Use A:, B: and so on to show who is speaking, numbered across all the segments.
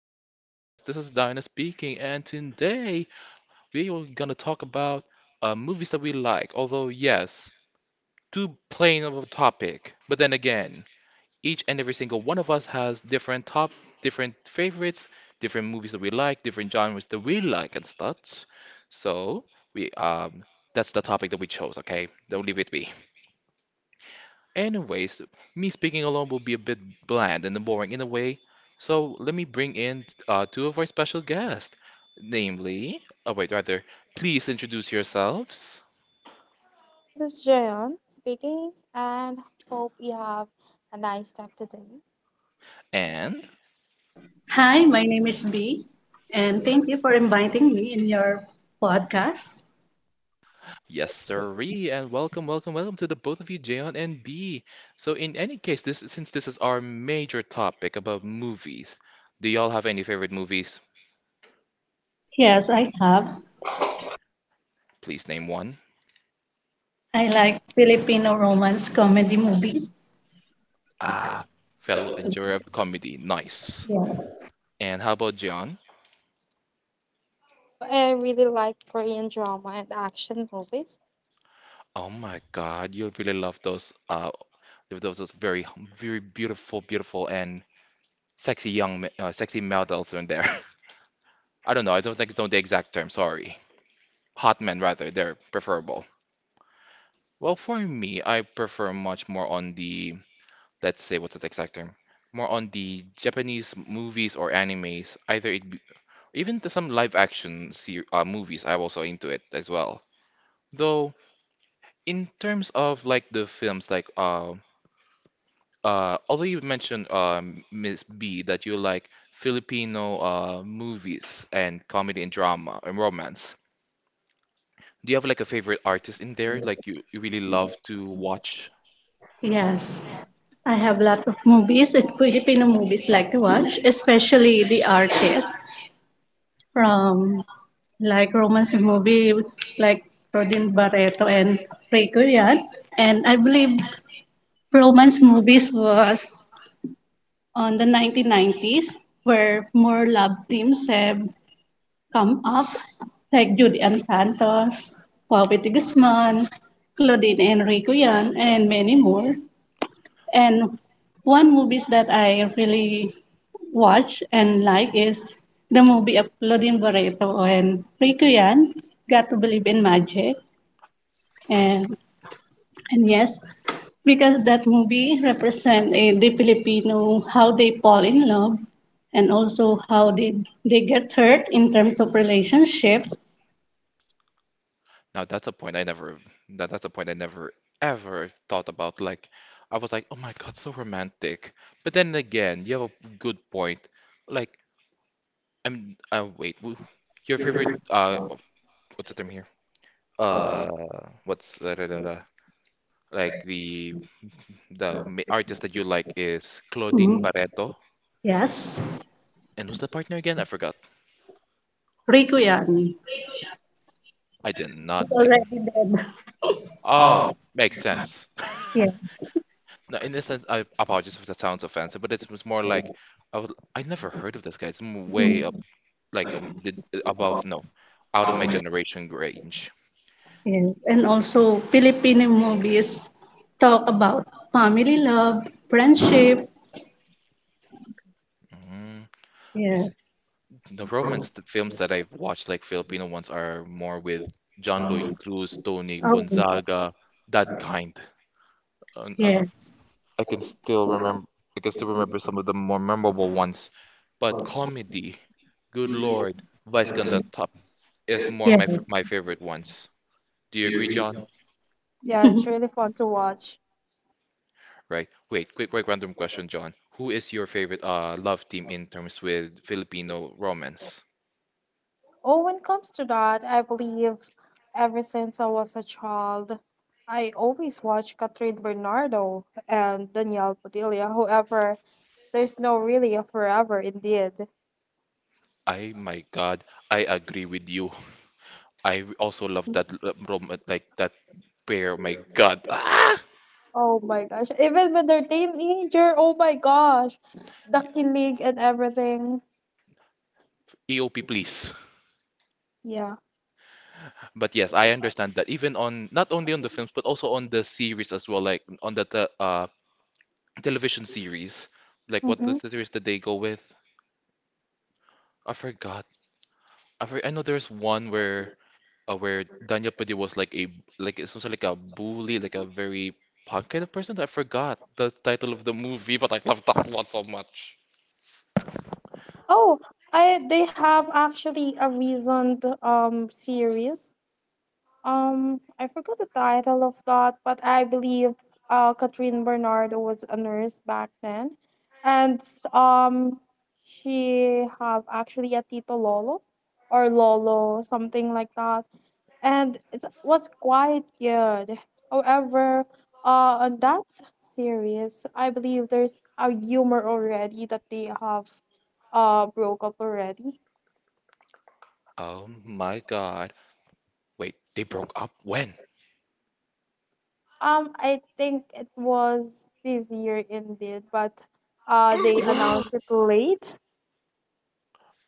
A: stream of podcast. This is Dinah speaking, and today we are gonna talk about movies that we like. Although, yes, too plain of a topic. But then again, each and every single one of us has different favorites, different movies that we like, different genres that we like and such. So we that's the topic that we chose. Okay, don't leave it be. Anyways, me speaking alone will be a bit bland and boring in a way, so let me bring in two of our special guests. Namely, oh wait, rather, please introduce yourselves.
B: So this is Jayon speaking, and hope you have a nice day today.
A: And
C: Hi, my name is B, and thank you for inviting me in your podcast.
A: yes, sirree, and welcome, welcome, welcome to the both of you, Jayon and B. So in any case, this since this is our major topic about movies, do y'all have any favorite movies?
C: Yes, I have.
A: Please name one.
C: I like Filipino romance comedy movies.
A: Ah, fellow enjoyer of comedy, nice.
C: Yes.
A: And how about Jayon?
B: Oh, I really like Korean drama and action movies.
A: Oh my God, you really love those those very very beautiful, beautiful and sexy sexy models in there. I don't know. I don't think it's not the exact term. Sorry, hot men rather. They're preferable. Well, for me, I prefer much more on the let's say what's the exact term? More on the Japanese movies or animes. Either it be, even to some live action ser movies. I'm also into it as well. Though in terms of like the films, although you mentioned, Miss B, that you like Filipino movies and comedy and drama and romance. Do you have like a favorite artist in there? Like you really love to watch?
C: Yes. I have a lot of movies and Filipino movies like to watch, especially the artists from like romance movie like Rodin Barreto and Ray Korean. And I believe romance movies was on the 1990s where more lab teams have come up, like Judy Ann Santos, Poverty Guzman, Claudine Enrico Yan, and many more. And one movies that I really watch and like is the movie of Claudine Barreto and Rico Yan, Got to Believe in Magic, and And yes, because that movie represent the Filipino how they fall in love and also how they get hurt in terms of relationship.
A: Now that's a point I never ever thought about. Like I was like, oh my God, so romantic. But then again, you have a good point. Like I'm uh, wait, wh- your favorite what's the term here? Uh, what's da, da, da, da? Like the ma- artist that you like is Claudine
C: Mhm.
A: Barreto.
C: Yes,
A: And who's the partner again? I forgot.
C: Rico Yan.
A: I did not.
C: He's
A: It,
C: already dead.
A: oh,
C: Oh.
A: makes sense.
C: Yeah.
A: No, in a sense, I apologize if that sounds offensive, but it's more like I never heard of this guy. It's m- way up,
C: Mhm.
A: like the- above,
C: Oh,
A: no, Out of my
C: automation.
A: generation range.
C: Yes, and also Filipino movies talk about family love, friendship.
A: Mm, I
C: Yeah.
A: see. The films that I've watched, like Filipino ones, are more with John Lloyd Cruz, Tony
C: Oh,
A: Gonzaga, that kind. Um, um,
C: yes.
A: I can still remember I can still remember some of the more memorable ones. But comedy, good lord, Vice Ganda
C: let
A: Top is
C: Yes.
A: more
C: Yes.
A: my f my favorite ones. Do you
C: Do you
A: agree,
C: agree?
A: John?
B: Yeah, it's really fun to watch.
A: Right. Wait, quick random question, John. Who is your favorite love team in terms with Filipino romance?
B: Oh, when it comes to that, I believe ever since I was a child, I always watch Catherine Bernardo and Danielle Padilla. However, there's no really a forever indeed.
A: I, my God, I agree with you. I also love that l- rom like that pair. Oh My God. Ah!
B: Oh my gosh. Even when they're teenager, oh my gosh. The killing and everything.
A: EOP, please.
B: Yeah.
A: But yes, I understand that even on not only on the films but also on the series as well, like on the te television series, like what the
B: Mm-hmm.
A: series did they go with? I forgot. I know there's one where Daniel Pudi was like a like some sort of like a bully, like a very punk kind of person. I forgot the title of the movie, but I love that one so much.
B: Oh, I they have actually a recent series. I forgot the title of that, but I believe Catherine Bernardo was a nurse back then, and um she have actually a Tito Lolo or Lolo something like that. And it was quite good. However, on that series, I believe there's a humor already that they have broke up already.
A: Oh my God! Wait, they broke up when?
B: I think it was this year indeed, but they announced it late.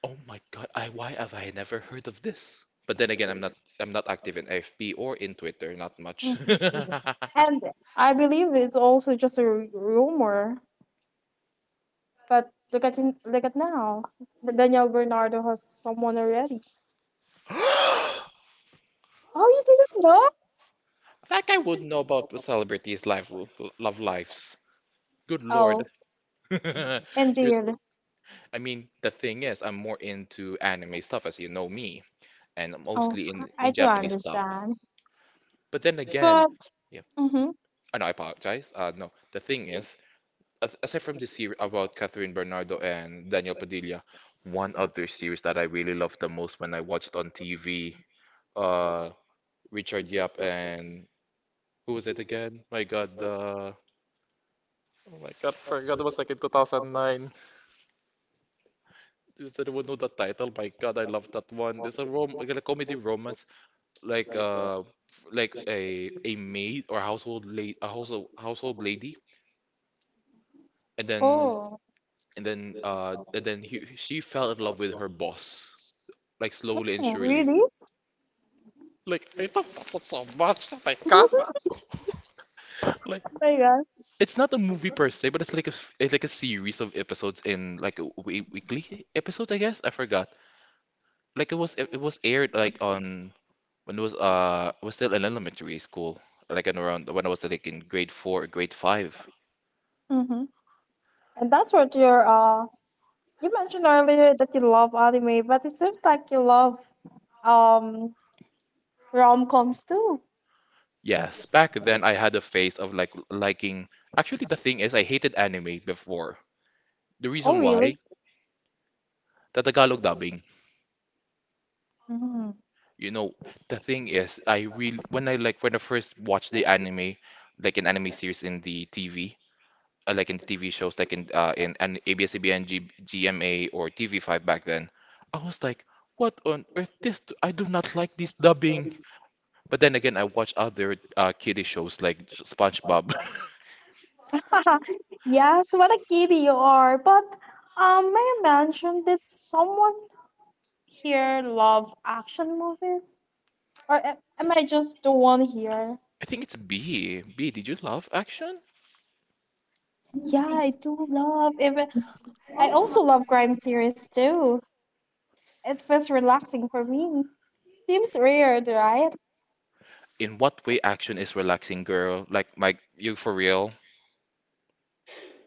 A: Oh my God, I why have I never heard of this? But then again, I'm not active in AFP or in Twitter, not much.
B: Mhm. And I believe it's also just a rumor. But look at now, Daniel Bernardo has someone already. Oh, you didn't know?
A: Like I would know about the celebrities' life, love lives. Good Lord.
B: Oh,
A: Here's-
B: indeed.
A: I mean, the thing is, I'm more into anime stuff, as you know me, and
B: Oh,
A: mostly in
B: I
A: in
B: do
A: Japanese stuff.
B: understand.
A: But then again,
B: But,
A: yeah,
B: mm-hmm.
A: I know I apologize. No, the thing is, aside from the series about Catherine Bernardo and Daniel Padilla, one other series that I really loved the most when I watched on TV, uh, Richard Yap and who was it again? My God, oh my God, forgot it was like in 2009. Does anyone know the title? My God, I love that one. It's a rom, like a comedy romance, like like a maid or household la a household household lady, and then
B: Oh,
A: she fell in love with her boss. Like slowly and
B: oh,
A: surely.
B: really?
A: Like I love that one so much. Oh my God.
B: Oh
A: Like
B: my god.
A: it's not a movie per se, but it's like it's like a series of episodes in like a weekly episodes, I guess. I forgot. Like it was aired like on when it was still in elementary school, like in around when I was like in grade 4 or grade 5.
B: Mm-hmm. And that's what you mentioned earlier that you love anime, but it seems like you love um rom-coms too.
A: Yes, back then I had a phase of like liking. Actually, the thing is, I hated anime before. The
B: Oh
A: reason why,
B: really?
A: the Tagalog dubbing.
B: Mm-hmm.
A: You know, the thing is, I really when I like when I first watched the anime, like an anime series in the TV, like in the TV shows, like in an GMA or TV5 back then, I was like, what on earth? I do not like this dubbing. But then again, I watch other kiddie shows like SpongeBob.
B: Yes, what a kitty you are. But may I mention did someone here love action movies? Or am I just the one here?
A: I think it's B. B, did you love action?
B: Yeah, I do love even. I also love crime series too. It feels relaxing for me. Seems weird, right?
A: In what way action is relaxing, girl? Like you for real?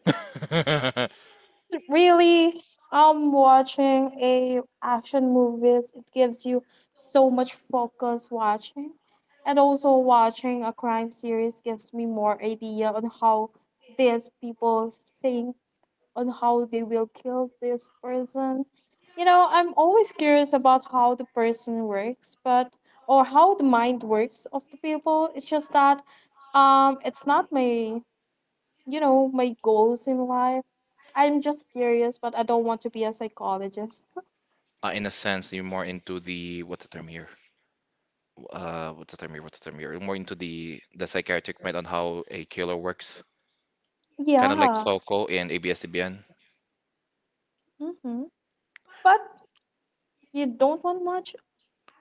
B: Because really, watching a action movies, it gives you so much focus watching, and also watching a crime series gives me more idea on how these people think on how they will kill this person. You know, I'm always curious about how the person works, but or how the mind works of the people. It's just that it's not my, you know, my goals in life. I'm just curious, but I don't want to be a psychologist.
A: In a sense, you're more into the what's the term here? What's the term here? What's the term here? More into the psychiatric mind on how a killer works, kind of like
B: Yeah.
A: Soko in ABS-CBN.
B: Mm-hmm. But you don't want much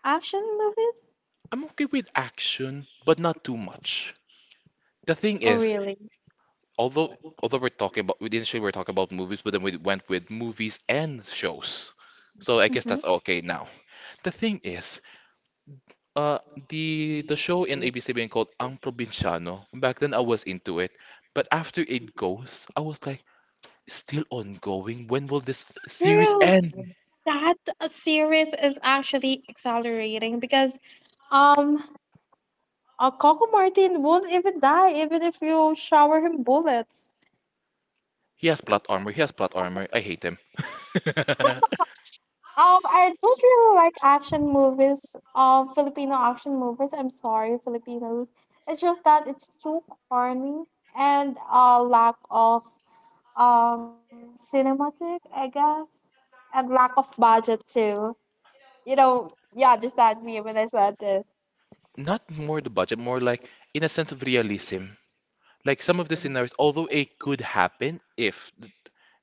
B: action movies?
A: I'm okay with action, but not too much. The thing
B: Oh,
A: is,
B: really?
A: although although we're talking about movies, but then we went with movies and shows. So I guess
B: Mm-hmm.
A: that's okay now. The thing is, uh, the show in ABS-CBN called Ang Probinsyano. Back then I was into it, but after it goes, I was like, still ongoing. When will this series
B: True.
A: end?
B: That series is actually accelerating because um Coco Martin won't even die even if you shower him bullets.
A: He has plot armor. He has plot armor. I hate him.
B: I don't really like action movies. Filipino action movies. I'm sorry, Filipinos. It's just that it's too corny and lack of cinematic, I guess, and lack of budget too. You know, you understand me when I said this.
A: Not more the budget, more like in a sense of realism. Like some of the scenarios, although it could happen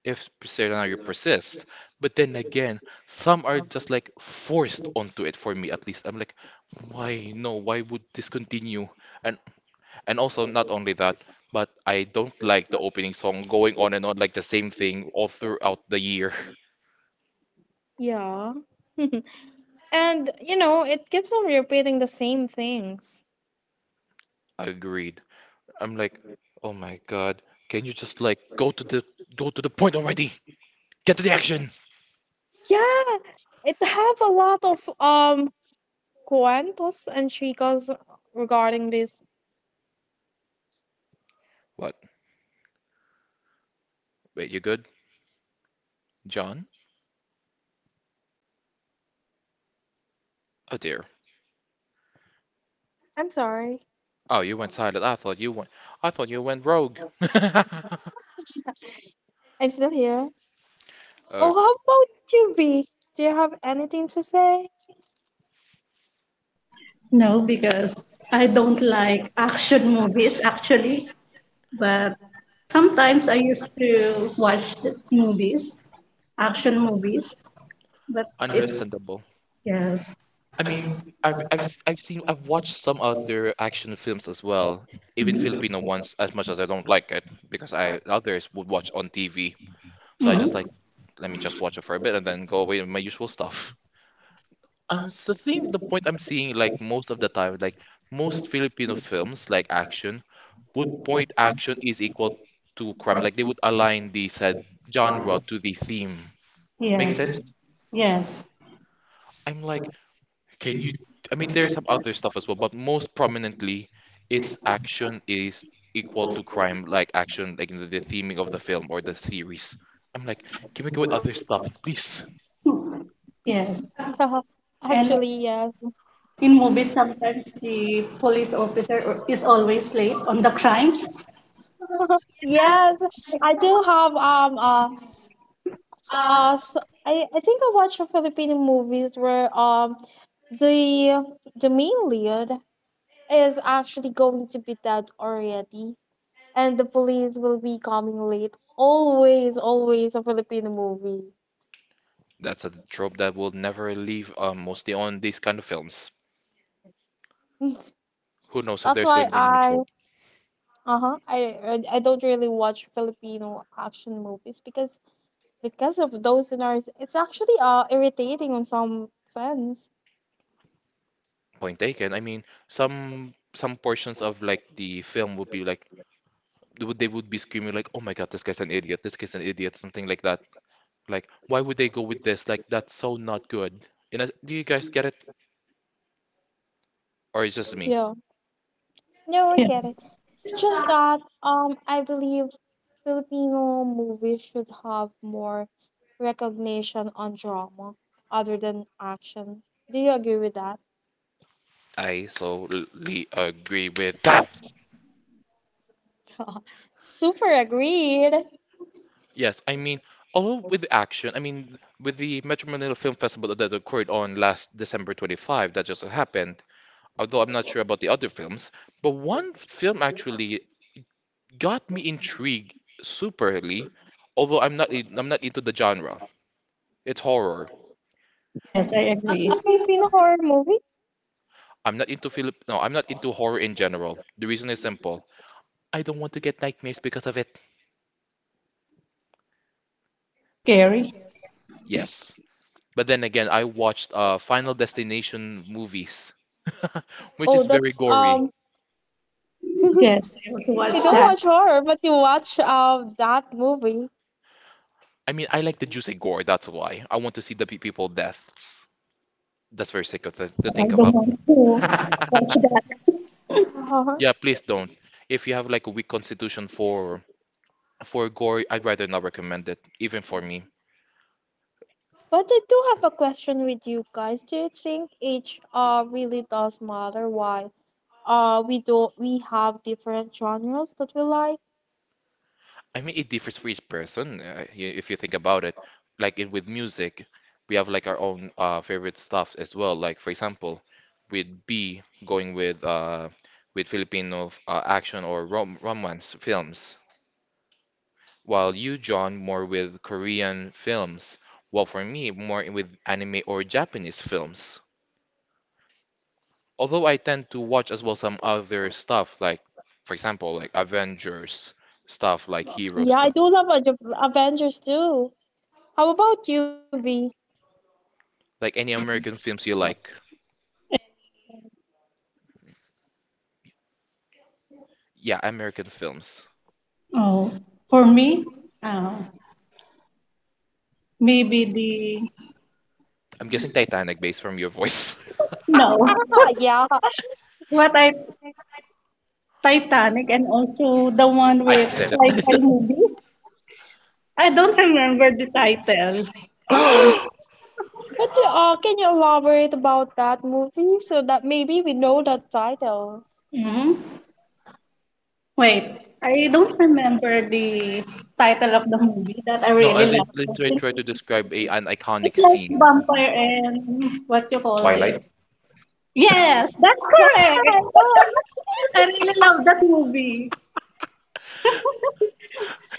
A: if scenario persists, but then again, some are just like forced onto it for me at least. I'm like, why no? Why would this continue? And and also not only that, but I don't like the opening song going on and on like the same thing all throughout the year.
B: Yeah. And you know, it keeps on repeating the same things.
A: Agreed. I'm like, oh my God, can you just like go to the point already? Get to the action.
B: Yeah, it have a lot of cuentos and chicos regarding this.
A: What? Wait, you good, John? Oh dear.
B: I'm sorry,
A: Oh, you went silent. I thought you went rogue.
B: I'm still here.
A: Uh,
B: Oh, how about you, B? Do you have anything to say?
C: No, because I don't like action movies actually, but sometimes I used to watch the movies, action movies, but it's action.
A: understandable.
C: Yes.
A: I mean, I've have I I've seen I've watched some other action films as well, even Filipino ones. As much as I don't like it, because I others would watch on TV,
C: Oh.
A: so I just like
C: Mhm.
A: let me just watch it for a bit and then go away with my usual stuff. I think the point I'm seeing like most of the time, like most Filipino films like action would point action is equal to crime. Like they would align the said genre to the theme.
C: Makes,
A: Make
C: yes, sense.
A: sense?
C: Yes.
A: I'm like, can you? I mean, there's some other stuff as well, but most prominently, it's action is equal to crime, like action, like the theming of the film or the series. I'm like, can we go with other stuff, please?
C: Okay. Yes.
B: Yeah,
C: And
B: actually, yes.
C: in movies sometimes the police officer is always late on the crimes.
B: Yes, I do have s- uh, s I think I watch a Filipino movies where the the main lead is actually going to be dead already, and the police will be coming late. Always, always a Filipino movie.
A: That's a trope that will never leave, mostly on these kind of films. Who knows if
B: That's
A: there's going
B: why
A: to be a
B: I
A: neutral
B: uh huh I don't really watch Filipino action movies because of those scenarios. It's actually irritating on some sense.
A: point taken. I mean, some portions of like the film would be like they would be screaming like, "Oh my God, this guy's an idiot! This guy's an idiot!" Something like that. Like, why would they go with this? Like, that's so not good. You know, do you guys get it, or it's just me?
B: Yeah. No, I
C: Yeah.
B: get it. It's just that I believe Filipino movies should have more recognition on drama other than action. Do you agree with that?
A: I solely agree with that.
B: Super agreed.
A: Yes, I mean, although with the action, I mean, with the Metro Manila Film Festival that occurred on last December 25, that just happened, although I'm not sure about the other films, but one film actually got me intrigued superly, although I'm not into the genre. It's horror.
C: Yes, I agree.
B: A Filipino horror movie?
A: I'm not into Philip. No, I'm not into horror in general. The reason is simple. I don't want to get nightmares because of it.
C: Scary.
A: Yes, but then again, I watched Final Destination movies, which
B: Oh,
A: is very
B: that's
A: gory.
B: um.
C: Yes,
B: You
C: I also watch
B: don't
C: that.
B: watch horror, but you watch that movie.
A: I mean, I like the juicy gore. That's why I want to see the people deaths. That's very sick of the, to
C: No, I
A: think
C: don't
A: about.
C: want to watch that.
B: Uh-huh.
A: Yeah, please don't. If you have like a weak constitution for for gore, I'd rather not recommend it, even for me.
B: But I do have a question with you guys. Do you think age really does matter? Why? Uh, we do we have different genres that we like.
A: I mean, it differs for each person, if you think about it. Like in, with music, we have like our own favorite stuff as well. Like for example, with B going with Filipino action or romance films, while you, John, more with Korean films. While for me, more with anime or Japanese films. Although I tend to watch as well some other stuff, like for example, like Avengers stuff, like hero
B: Yeah, I
A: stuff,
B: do love Avengers too. How about you, V?
A: like any American films you like. Yeah, American films.
C: Oh, for me, uh, maybe the,
A: I'm guessing Titanic based from your voice.
C: no.
B: Yeah,
C: What I Titanic and also the one
A: I
C: with
A: said it.
C: sci-fi movie. I don't remember the title. Oh,
B: but can you elaborate about that movie so that maybe we know the title?
C: mhm. Wait. I don't remember the title of the movie that I
A: No, I
C: really
A: did
C: like.
A: literally try to describe a, an iconic
C: It's like
A: scene.
C: vampire and what you call
B: Twilight.
A: Twilight.
C: this? Yes, that's
B: Oh,
C: correct.
B: I love this
C: I really love that movie.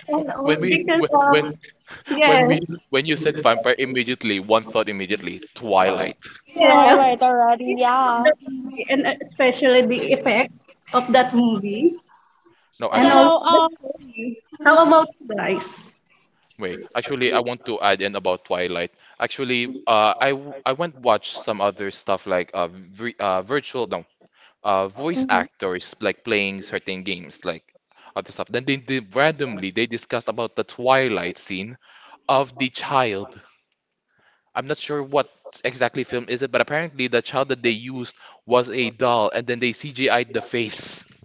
C: And
A: When
C: also
A: we
C: because
A: wh-
B: movie too.
C: of,
A: when when
C: yes,
A: we when you said vampire immediately, one thought immediately, Twilight.
C: yes. I
B: Twilight already,
C: really love
B: yeah.
C: that movie and especially the effects of that movie
A: No,
C: and
A: actually,
B: so
C: also the
B: uh,
C: story.
B: Mhm,
C: How about you guys?
A: wait, actually, I want to add in about Twilight. Actually, I went watch some other stuff like virtual no voice
B: mhm. Um,
A: actors like playing certain games like other stuff. Then they did randomly they discussed about the Twilight scene of the child. I'm not sure what exactly film is it, but apparently the child that they used was a doll, and then they CGI'd the face.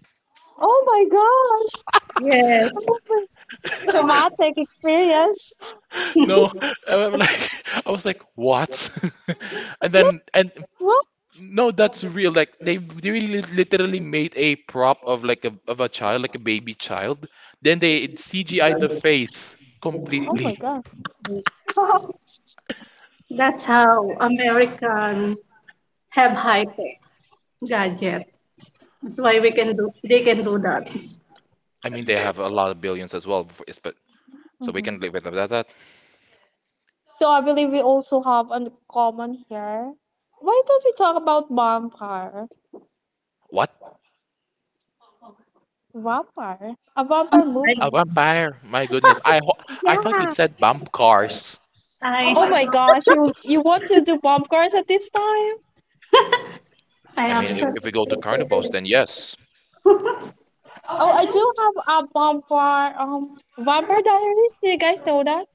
B: Oh my gosh!
C: Yes,
B: Oh my- Traumatic experience.
A: No, I'm like I was like what? And then
B: Like,
A: and
B: what?
A: no, that's real. Like they really literally made a prop of like a of a child, like a baby child. Then they CGI the face
B: Oh
A: completely.
B: my gosh.
C: that's how American have high tech gadget. That's why we can do they can do that.
A: I mean, they have a lot of billions as well, but so we can live
B: Mhm.
A: with that.
B: So I believe we also have a common here. Why don't we talk about vampire?
A: What?
B: Vampire? A vampire
C: Vampire.
A: A
B: movie.
A: vampire? My goodness. I thought you
B: Yeah.
A: said bump cars.
B: Oh my
C: I
B: gosh, you want to do vampires at this time?
C: I
A: I mean,
C: actually,
A: if we go to carnivals, then yes.
B: Oh, I do have a vampire Vampire Diaries. Do you guys know that?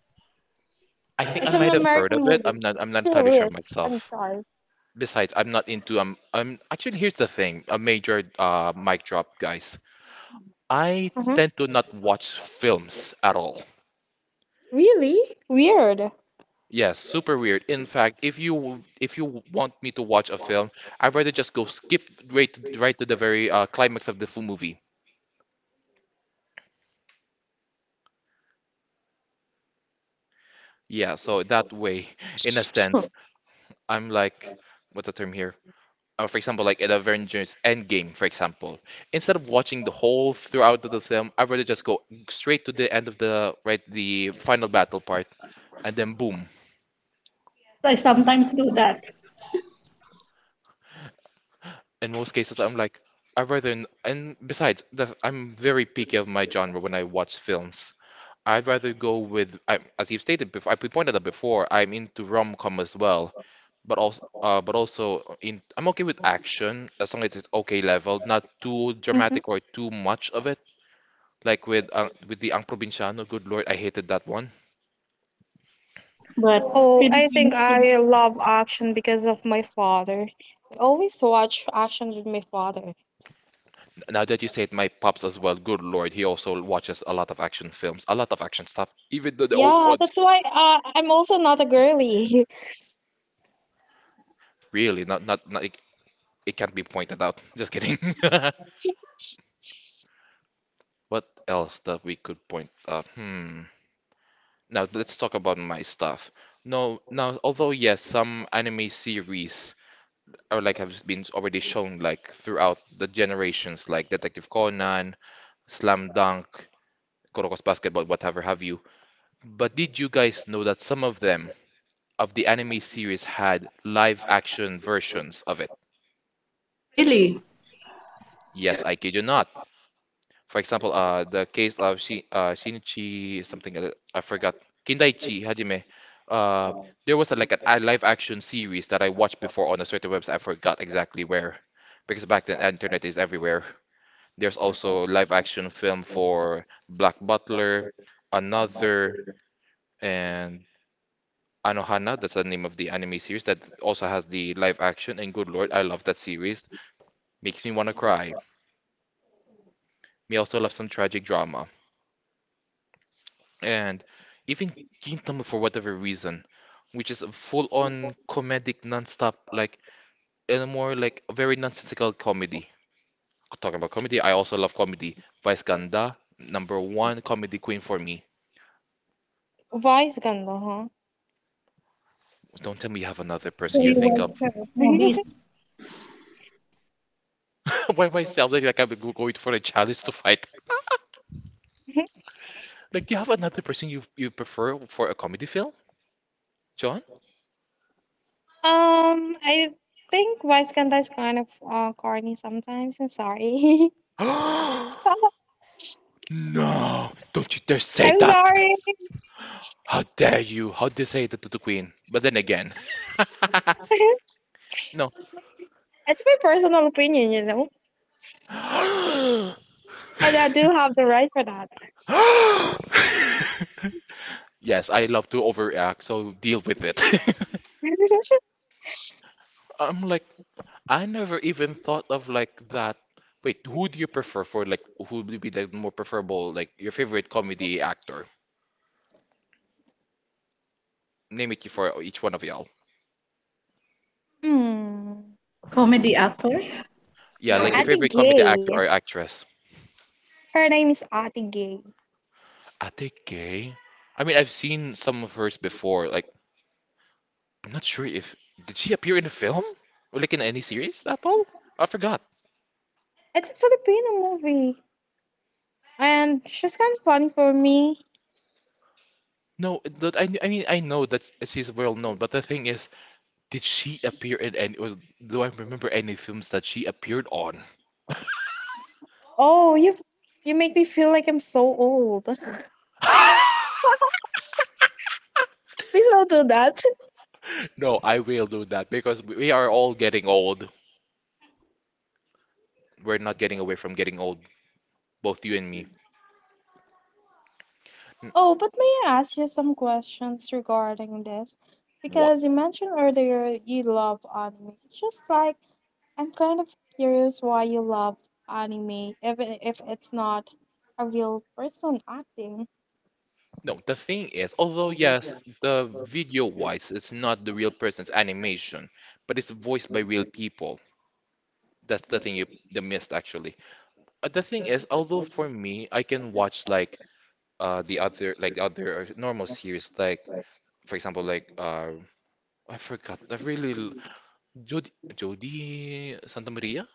A: I think I
B: It's an
A: might have heard of
B: American
A: it.
B: movie.
A: I'm not entirely sure
B: Serious. I'm
A: myself.
B: sorry.
A: Besides, I'm not into I'm actually here's the thing, a major mic drop, guys. I
B: Mhm.
A: tend to not watch films at all.
B: Really? Weird.
A: Yes, super weird. In fact, if you want me to watch a film, I'd rather just go skip right to the very climax of the full movie. Yeah, so that way, in a sense, I'm like, what's the term here? For example, like an Avengers Endgame, for example. Instead of watching the whole throughout of the film, I'd rather just go straight to the end of the final battle part, and then boom,
C: yes, I sometimes do that,
A: in most cases, I'm like, I'd rather, n- and besides, the, I'm very picky of my genre when I watch films. I'd rather go with, as you've stated before, I pointed out before, I'm into rom-com as well, but also in, I'm okay with action as long as it's okay level, not too
B: Hmm.
A: dramatic or too much of it. Like with the Ang Provinciano, good lord, I hated that one.
C: but
B: Oh, I think
C: Philippines love.
B: I love action because of my father. I always watch action with my father.
A: Now that you say it, my pops as well, good lord, he also watches a lot of action films, a lot of action stuff, even the old
B: Yeah,
A: ones.
B: that's why I'm also not a girly.
A: Really, not it can't be pointed out. Just kidding. What else that we could point out? Hmm. Now let's talk about my stuff. No, now although yes, some anime series are like have been already shown like throughout the generations, like Detective Conan, Slam Dunk, Kuroko's Basketball, whatever have you. But did you guys know that some of them of the anime series had live action versions of it?
C: Really?
A: Yes, I kid you not. For example, the case of Shi Shinichi something I forgot Kindaichi Hajime. Uh, there was a, like a live action series that I watched before on a certain website. I forgot exactly where, because back then internet is everywhere. There's also live action film for Black Butler, Another, and Anohana. That's the name of the anime series that also has the live action. And good lord, I love that series. Makes me want to cry. Me also love some tragic drama. And even Gintama for whatever reason, which is a full-on comedic non-stop, like in a more like a very nonsensical comedy. Talking about comedy, I also love comedy. Vice Ganda, number one comedy queen for me.
B: Vice ganda, huh?
A: Don't tell me you have another person
C: So
A: you
C: you
A: think of.
C: watch movies,
A: By myself? Like I'm going for a challenge to fight. Like, you have another person you prefer for a comedy film, John?
B: I think Vice ganda is kind of corny sometimes. I'm sorry.
A: No! Don't you dare say
B: I'm
A: that!
B: sorry.
A: How dare you? How do you say that to the queen? But then again, no.
B: It's my personal opinion, you know, and I do have the right for that.
A: Yes, I love to overreact, so deal with it. I'm like, I never even thought of like that. Wait, who do you prefer for like who would be the more preferable like your favorite comedy actor? Name it for each one of y'all.
B: Mm.
C: comedy actor?
A: Yeah, like your
C: Yes,
B: Ate
A: favorite comedy
B: Gay.
A: actor or actress.
B: Her name is Ate Gay.
A: Ate Gay. I mean, I've seen some of hers before. Like I'm not sure if did she appear in a film or like in any series at all? I forgot.
B: It's a Filipino movie, and she's kind of funny for me.
A: No, that I mean I know that she's well known, but the thing is, did she appear in any? Or do I remember any films that she appeared on?
B: Oh, you make me feel like I'm so old. Please don't do that.
A: No, I will do that because we are all getting old. We're not getting away from getting old, both you and me.
B: Oh, but may I ask you some questions regarding this?
A: What?
B: Because you mentioned earlier you love anime. It's just like I'm kind of curious why you love anime, even if it's not a real person acting.
A: No, the thing is, although yes, the video-wise, it's not the real person's animation, but it's voiced by real people. That's the thing you the missed actually. The thing is, although for me, I can watch like the other normal series, like for example, I forgot. Jody Santa Maria.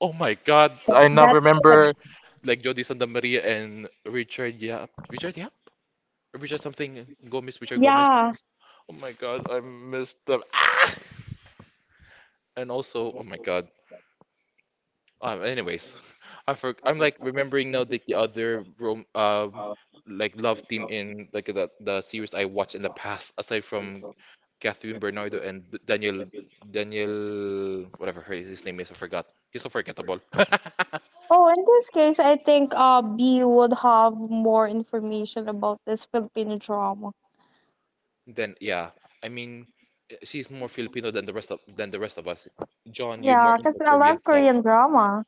A: Oh my God, I now
C: that's
A: remember like Jody Santa Maria and Richard Yap. Richard Yap? Richard something Gomez. Richard Gomez.
B: Yeah.
A: Oh my God, I missed them. And also, oh my God. Anyways, I'm like remembering now the other rom like love team in like the series I watched in the past aside from Catherine Bernardo and Daniel whatever her his name is I forgot he's so forgettable.
B: Oh, in this case, I think B would have more information about this Filipino drama.
A: Then yeah, I mean she's more Filipino than the rest of than the rest of us. John, you're more
B: Yeah,
A: into
B: because I
A: Korean
B: love
A: stuff.
B: Korean drama.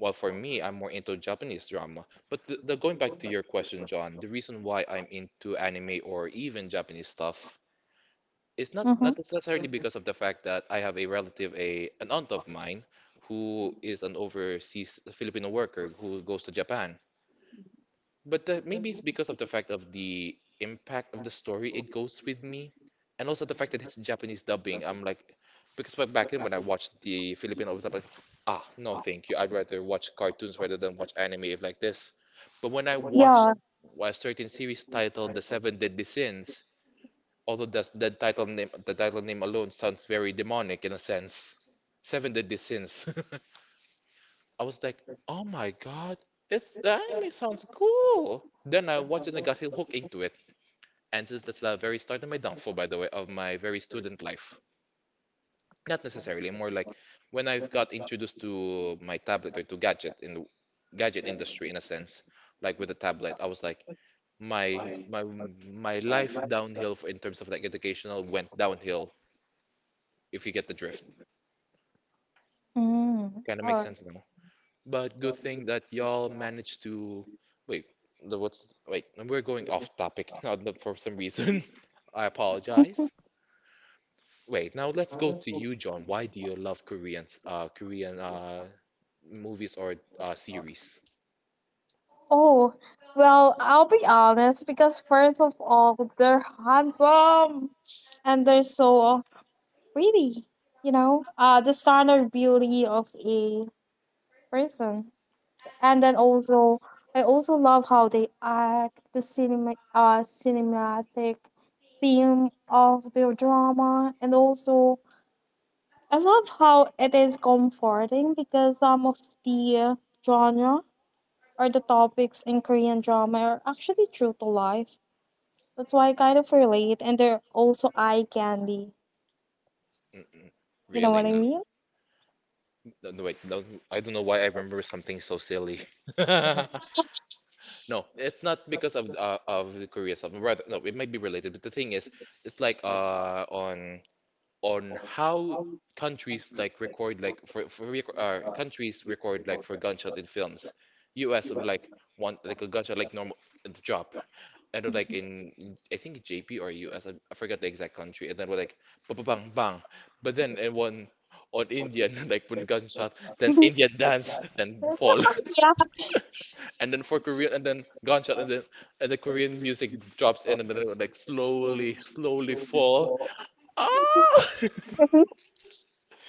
A: Well, for me, I'm more into Japanese drama. But the going back to your question, John, the reason why I'm into anime or even Japanese stuff it's
B: Mm-hmm.
A: not necessarily because of the fact that I have a relative, a an aunt of mine, who is an overseas Filipino worker who goes to Japan. But maybe it's because of the fact of the impact of the story it goes with me, and also the fact that it's Japanese dubbing. I'm like, because back then when I watched the Filipino dub, I'm like, ah, no, thank you. I'd rather watch cartoons rather than watch anime if like this. But when I watched
B: Yeah.
A: a certain series titled The Seven Deadly Sins, although that's, the title name alone sounds very demonic in a sense. Seven Deadly Sins. I was like, oh my god, it's the anime sounds cool. Then I watched it and I got hooked into it. And since that's the very start of my downfall, by the way, of my very student life. Not necessarily, more like when I've got introduced to my tablet or to gadget in the gadget industry in a sense, like with a tablet, I was like, my my my life downhill for, in terms of like educational went downhill if you get the drift.
B: Mm.
A: Kind of
B: All
A: makes
B: right.
A: sense now. But good thing that y'all managed to. Wait, the what's. Wait, no, we're going off topic now that for some reason. I apologize. Wait, now let's go to you, John. Why do you love Koreans, Korean movies or series?
B: Oh, well, I'll be honest because first of all, they're handsome and they're so pretty, you know, the standard beauty of a person. And then also I also love how they act the cinematic theme of their drama and also I love how it is comforting because some of the genre or the topics in Korean drama are actually true to life. That's why I kind of relate and they're also eye candy.
A: Mm-mm,
B: You know what
A: really
B: I mean?
A: not. No, no, wait, no, I don't know why I remember something so silly. No, it's not because of the Korea stuff. Rather, no, it might be related, but the thing is, it's like on how countries like record like countries record like for gunshot in films. US would like want like a gunshot like normal the drop. And then, like in I think JP or I forgot the exact country and then we're like bang bang bang. But then in one on Indian like when gunshot then Indian dance then fall and then for Korean and then gunshot and then and the Korean music drops in and then it would like slowly slowly fall. Ah!
B: Yeah.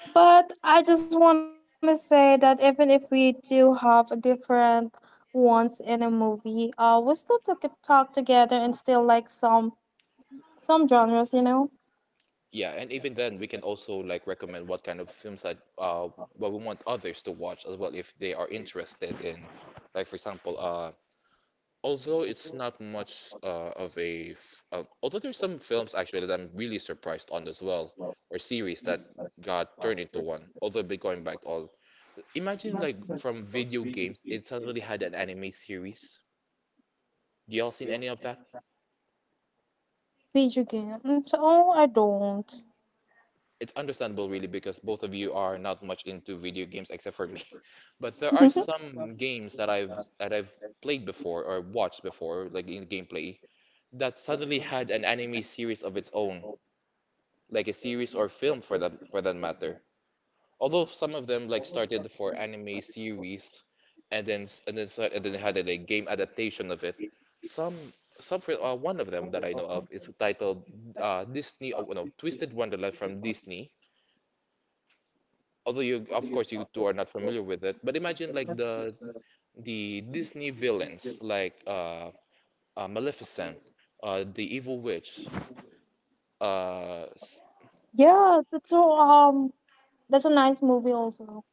B: But I just want to say that even if we do have a different ones in a movie, we still took a talk together and still like some genres, you know,
A: Yeah, and even then, we can also like recommend what kind of films that what we want others to watch as well if they are interested in, like for example, although it's not much although there's some films actually that I'm really surprised on as well or series that got turned into one. Although been going back all imagine like from video games, it suddenly had an anime series. Do y'all seen any of that?
B: video games. Oh, I don't.
A: It's understandable really because both of you are not much into video games except for me. But there are some games that I've played before or watched before, like in gameplay, that suddenly had an anime series of its own, like a series or film for that matter. Although some of them like started for anime series and then had a like, game adaptation of it. Some for, one of them that I know of is titled Disney oh, no Twisted Wonderland from Disney. Although you of course you two are not familiar with it, but imagine like the Disney villains like Maleficent, the Evil Witch, uh, s-
B: Yeah, that's so that's a nice movie also.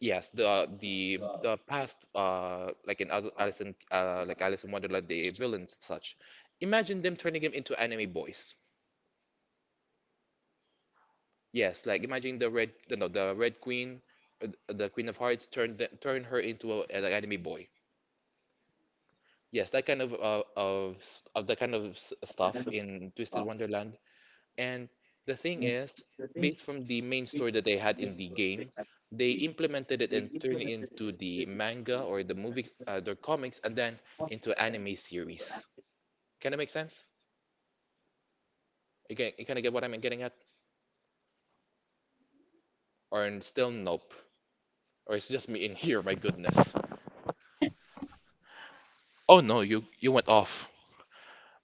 A: yes, the past Alice in, like Alice in Wonderland, the villains and such. Imagine them turning him into anime boys. Yes, like imagine the red no the Red Queen, the Queen of Hearts turned her into a, an anime boy. Yes, that kind of of that kind of stuff in Twisted Wonderland. And the thing is, based from the main story that they had in the game, they implemented it and turned it into the manga or the movie, the comics, and then into anime series. Kind of make sense? You can you kind of get what I'm getting at? Or still nope? Or it's just me in here, my goodness. Oh no, you went off.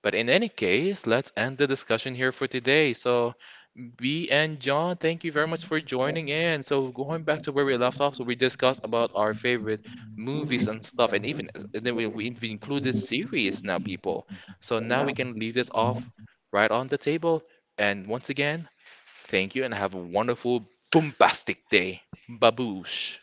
A: But in any case, let's end the discussion here for today. So, B and John, thank you very much for joining in. So, going back to where we left off, so we discussed about our favorite movies and stuff, and even and then we included series now, people. So now we can leave this off right on the table. And once again, thank you and have a wonderful, bombastic day. Baboosh.